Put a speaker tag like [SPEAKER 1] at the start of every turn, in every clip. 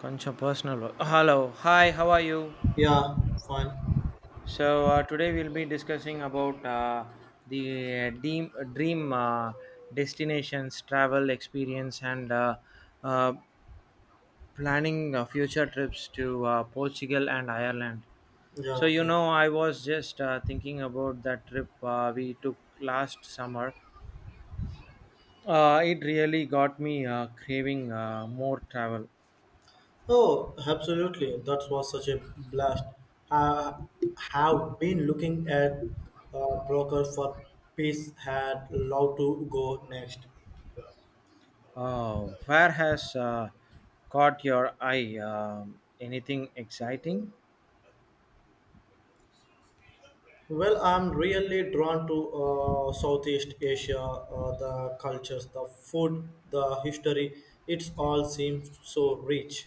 [SPEAKER 1] Koncham personal. Work. Hello, hi, how are you?
[SPEAKER 2] Yeah, fine.
[SPEAKER 1] So today we'll be discussing about the dream destinations, travel experience, and uh, planning future trips to Portugal and Ireland.
[SPEAKER 2] Yeah,
[SPEAKER 1] So you
[SPEAKER 2] okay.
[SPEAKER 1] know, I was just thinking about that trip we took last summer. It really got me craving more travel.
[SPEAKER 2] Oh, absolutely. That was such a blast. I have been looking at a broker for peace had love to go next.
[SPEAKER 1] Oh, where has caught your eye? Anything exciting?
[SPEAKER 2] Well, I'm really drawn to Southeast Asia, the cultures, the food, the history. It's all seems so rich.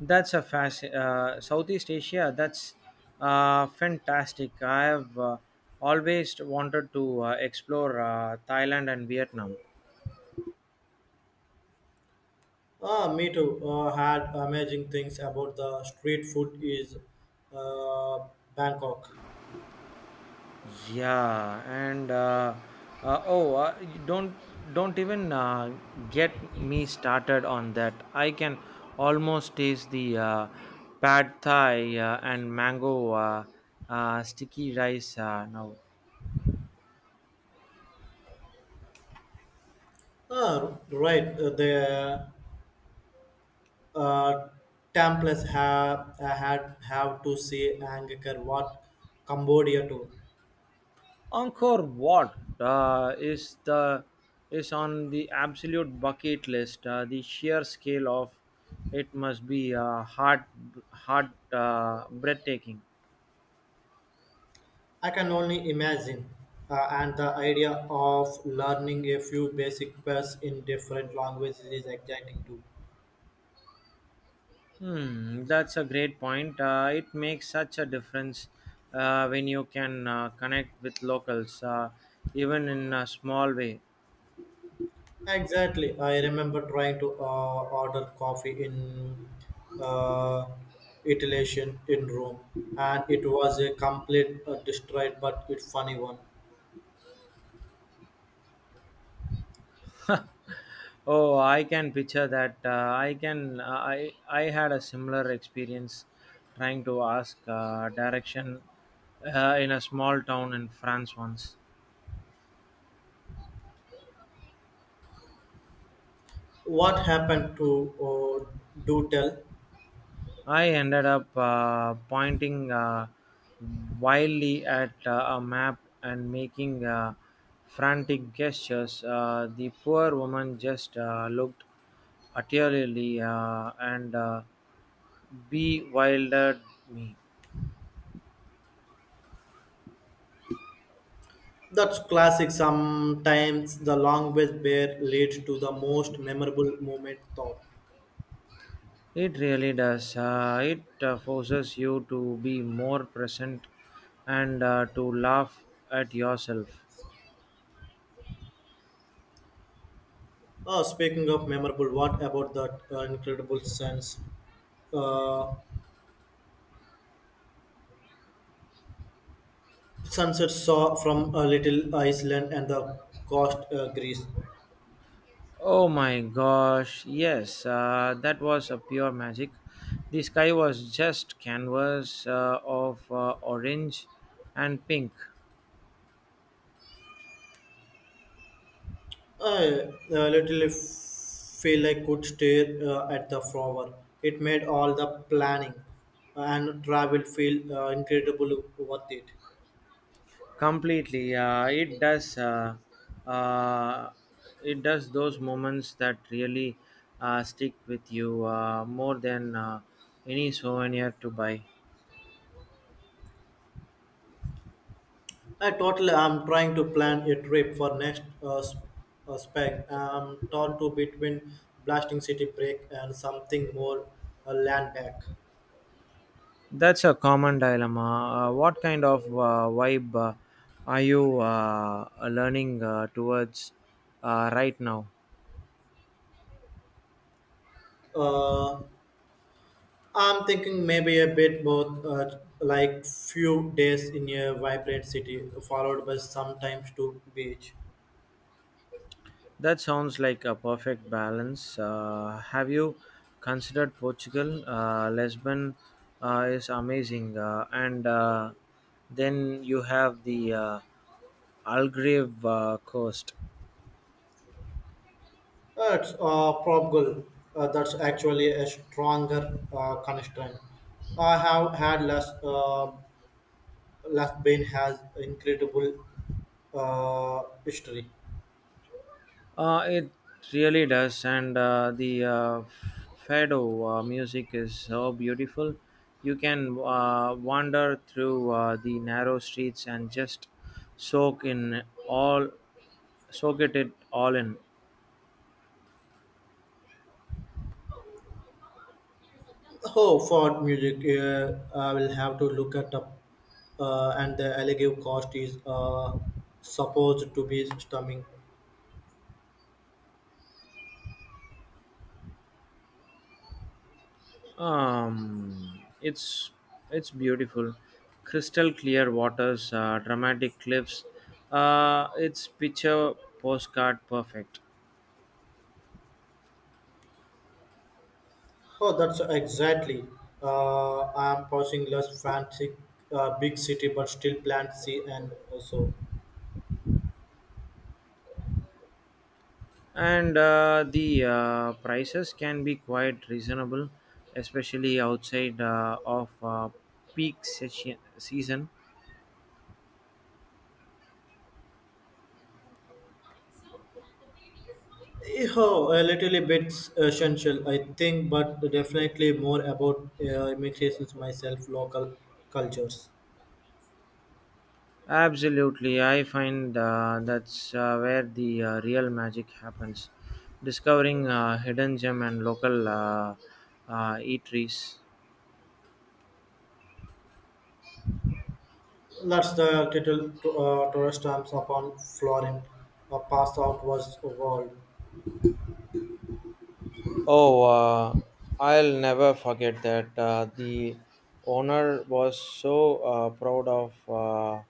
[SPEAKER 1] Southeast Asia. That's fantastic. I have always wanted to explore Thailand and Vietnam.
[SPEAKER 2] Ah, me too. Had amazing things about the street food is uh, Bangkok.
[SPEAKER 1] Yeah, and uh, oh, uh, y- don't don't even get me started on that. I can almost taste the pad thai and mango sticky rice now.
[SPEAKER 2] Ah, right. The uh, Templars have to see Angkor Wat, Cambodia too.
[SPEAKER 1] Angkor Wat is on the absolute bucket list. The sheer scale of it must be heart heart breathtaking.
[SPEAKER 2] I can only imagine. And the idea of learning a few basic words in different languages is exciting too.
[SPEAKER 1] Hmm, that's a great point. It makes such a difference when you can connect with locals, even in a small way.
[SPEAKER 2] Exactly. I remember trying to order coffee in uh, Italian in Rome, and it was a complete destroyed but it funny one.
[SPEAKER 1] Oh, I can picture that. I can. I had a similar experience trying to ask direction in a small town in France once.
[SPEAKER 2] What happened to uh, do tell?
[SPEAKER 1] I ended up pointing wildly at a map and making frantic gestures. The poor woman just looked utterly and bewildered me.
[SPEAKER 2] That's classic. Sometimes the language bear leads to the most memorable moment thought.
[SPEAKER 1] It really does. It forces you to be more present and to laugh at yourself.
[SPEAKER 2] Speaking of memorable, what about that incredible sense? Uh, Sunset saw from a little Iceland and the coast Greece.
[SPEAKER 1] Oh my gosh, yes, that was a pure magic. The sky was just canvas of orange and pink.
[SPEAKER 2] I literally feel I could stare at the flower. It made all the planning and travel feel incredibly worth it.
[SPEAKER 1] Completely, it does. Uh, it does those moments that really stick with you more than any souvenir to buy.
[SPEAKER 2] I totally am trying to plan a trip for next spring. I'm torn to between blasting city break and something more land back.
[SPEAKER 1] That's a common dilemma. What kind of vibe are you learning towards right now?
[SPEAKER 2] Uh, I'm thinking maybe a bit both, like few days in a vibrant city followed by sometimes to beach.
[SPEAKER 1] That sounds like a perfect balance. Have you considered Portugal? Lisbon is amazing, and then you have the Algarve coast.
[SPEAKER 2] That's probable. That's actually a stronger constraint. I have had last been has incredible history.
[SPEAKER 1] It really does, and the fado music is so beautiful. You can wander through the narrow streets and just soak in all, soak it all in.
[SPEAKER 2] Oh, for music, I will have to look at up. And the alleged cost is supposed to be stunning.
[SPEAKER 1] Um, it's it's beautiful, crystal clear waters, dramatic cliffs. It's picture postcard perfect,
[SPEAKER 2] Oh, that's exactly. I am pursuing less fancy, big city, but still plant C and also.
[SPEAKER 1] and the prices can be quite reasonable, especially outside of peak season.
[SPEAKER 2] Oh, a little bit essential, I think, but definitely more about immigrations myself, local cultures.
[SPEAKER 1] Absolutely, I find that's where the real magic happens, discovering hidden gem and local eateries.
[SPEAKER 2] That's the title to, Torres stamps upon Florin, a pass out was world.
[SPEAKER 1] Oh, I'll never forget that. The owner was so proud of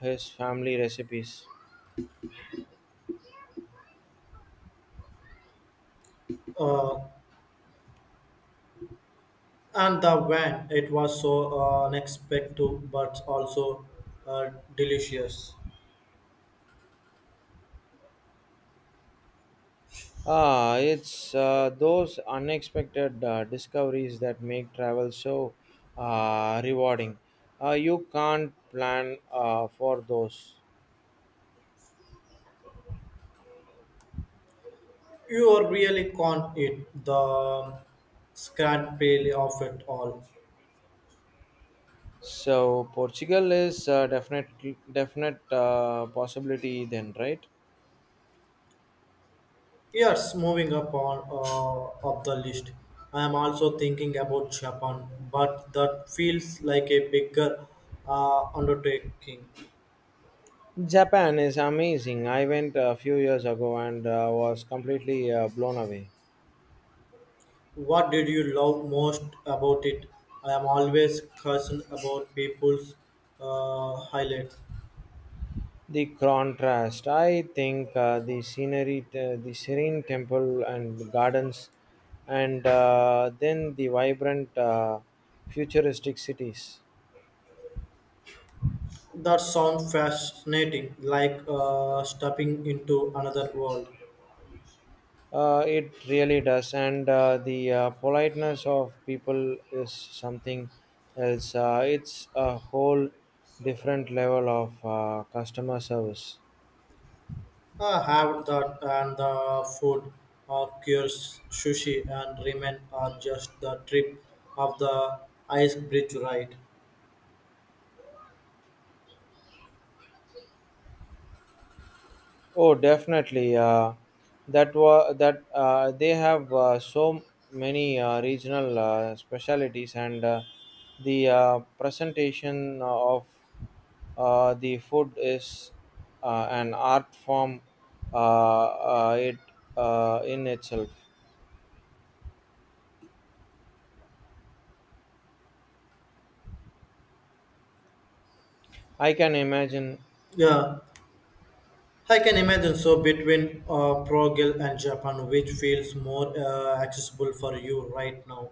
[SPEAKER 1] his family recipes.
[SPEAKER 2] Uh, and the wine, it was so unexpected but also uh, delicious.
[SPEAKER 1] Ah, it's those unexpected discoveries that make travel so rewarding. You can't plan for those.
[SPEAKER 2] You really can't eat the scant pale of it all.
[SPEAKER 1] So Portugal is definite definite possibility then, right?
[SPEAKER 2] Yes, moving upon up the list. I am also thinking about Japan, but that feels like a bigger undertaking.
[SPEAKER 1] Japan is amazing. I went a few years ago and was completely blown away.
[SPEAKER 2] What did you love most about it? I am always concerned about people's highlights.
[SPEAKER 1] The contrast, I think, the scenery, the serene temple and gardens, and then the vibrant, futuristic cities.
[SPEAKER 2] That sounds fascinating, like stepping into another world.
[SPEAKER 1] It really does, and the politeness of people is something else. It's a whole different level of customer service.
[SPEAKER 2] I have that and the food, of course, sushi and ramen are just the trip of the ice bridge ride.
[SPEAKER 1] Oh, definitely. That was that they have so many regional specialties, and the presentation of the food is an art form. It in itself. I can imagine.
[SPEAKER 2] Yeah, I can imagine. So between Prague and Japan, which feels more accessible for you right now?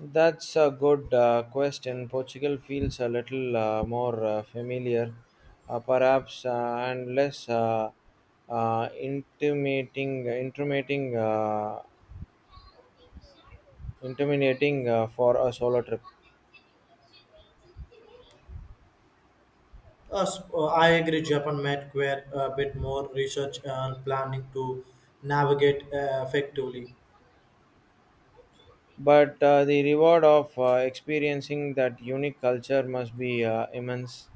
[SPEAKER 1] That's a good question. Portugal feels a little more familiar, perhaps, and less uh, intimating, intimating, uh, intimidating for a solo trip.
[SPEAKER 2] I agree. Japan might require a bit more research and planning to navigate effectively.
[SPEAKER 1] But the reward of experiencing that unique culture must be immense.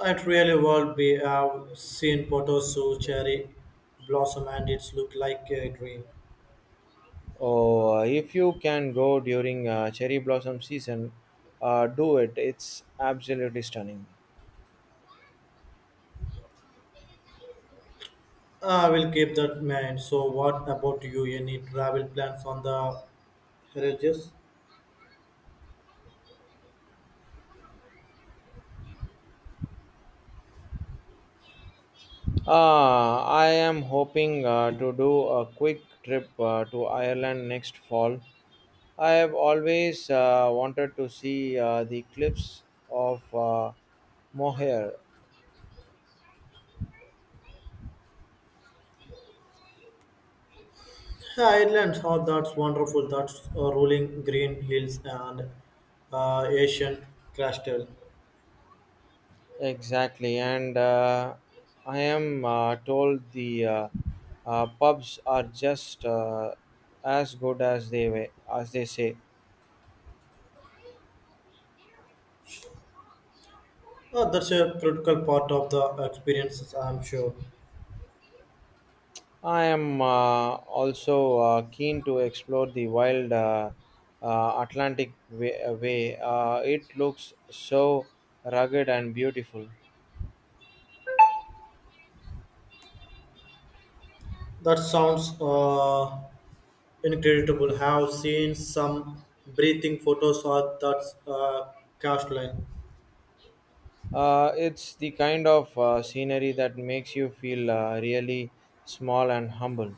[SPEAKER 2] It really would be seen photos to cherry blossom and it's look like a dream.
[SPEAKER 1] Oh, if you can go during cherry blossom season, do it. It's absolutely stunning.
[SPEAKER 2] I will keep that in mind. So, what about you? Any travel plans on the Heritage
[SPEAKER 1] Ah, I am hoping to do a quick trip to Ireland next fall. I have always wanted to see the cliffs of Moher.
[SPEAKER 2] Islands? Oh, that's wonderful. That's rolling green hills and Asian crystal.
[SPEAKER 1] Exactly, and I am told the pubs are just as good as as they say.
[SPEAKER 2] Oh, that's a critical part of the experiences, I'm sure.
[SPEAKER 1] I am also keen to explore the wild Atlantic Way. It looks so rugged and beautiful.
[SPEAKER 2] That sounds incredible. Have seen some breathing photos of that cast line.
[SPEAKER 1] It's the kind of scenery that makes you feel really small and humble.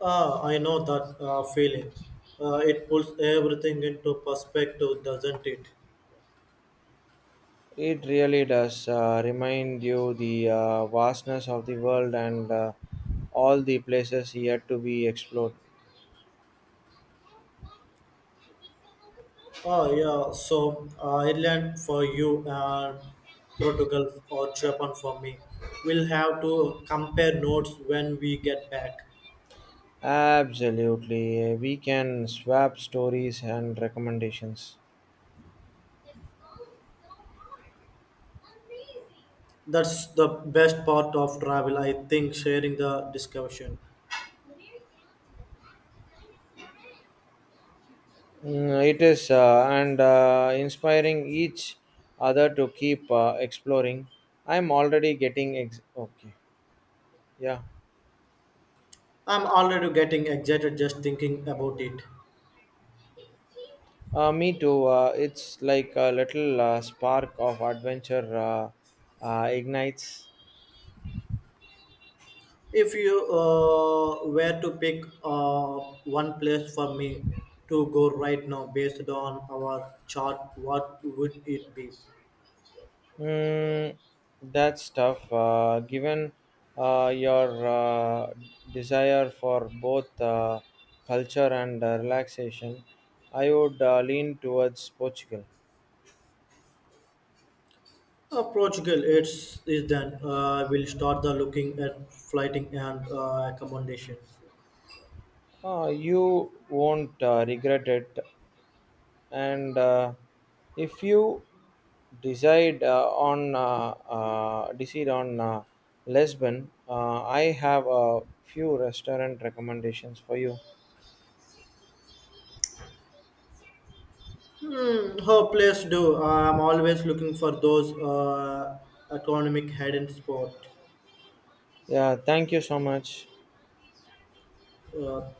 [SPEAKER 2] Ah, I know that feeling. It pulls everything into perspective, doesn't it?
[SPEAKER 1] It really does remind you the vastness of the world and all the places yet to be explored.
[SPEAKER 2] Ah, yeah. So Ireland for you and Portugal or Japan for me. We'll have to compare notes when we get back.
[SPEAKER 1] Absolutely. We can swap stories and recommendations.
[SPEAKER 2] That's the best part of travel, I think, sharing the discussion.
[SPEAKER 1] Mm, it is and inspiring each other to keep exploring. I'm already getting okay. Yeah,
[SPEAKER 2] I'm already getting excited just thinking about it.
[SPEAKER 1] me too. It's like a little spark of adventure ignites.
[SPEAKER 2] If you were to pick one place for me to go right now based on our chart, what would it be?
[SPEAKER 1] Mm, that stuff. Given your desire for both culture and relaxation, I would lean towards Portugal.
[SPEAKER 2] Portugal, it's is then we'll start the looking at flighting and accommodations.
[SPEAKER 1] You won't regret it. And if you decide on Lisbon, I have a few restaurant recommendations for you.
[SPEAKER 2] Hmm, her place do. I'm always looking for those economic hidden spot.
[SPEAKER 1] Yeah, thank you so much.
[SPEAKER 2] Uh,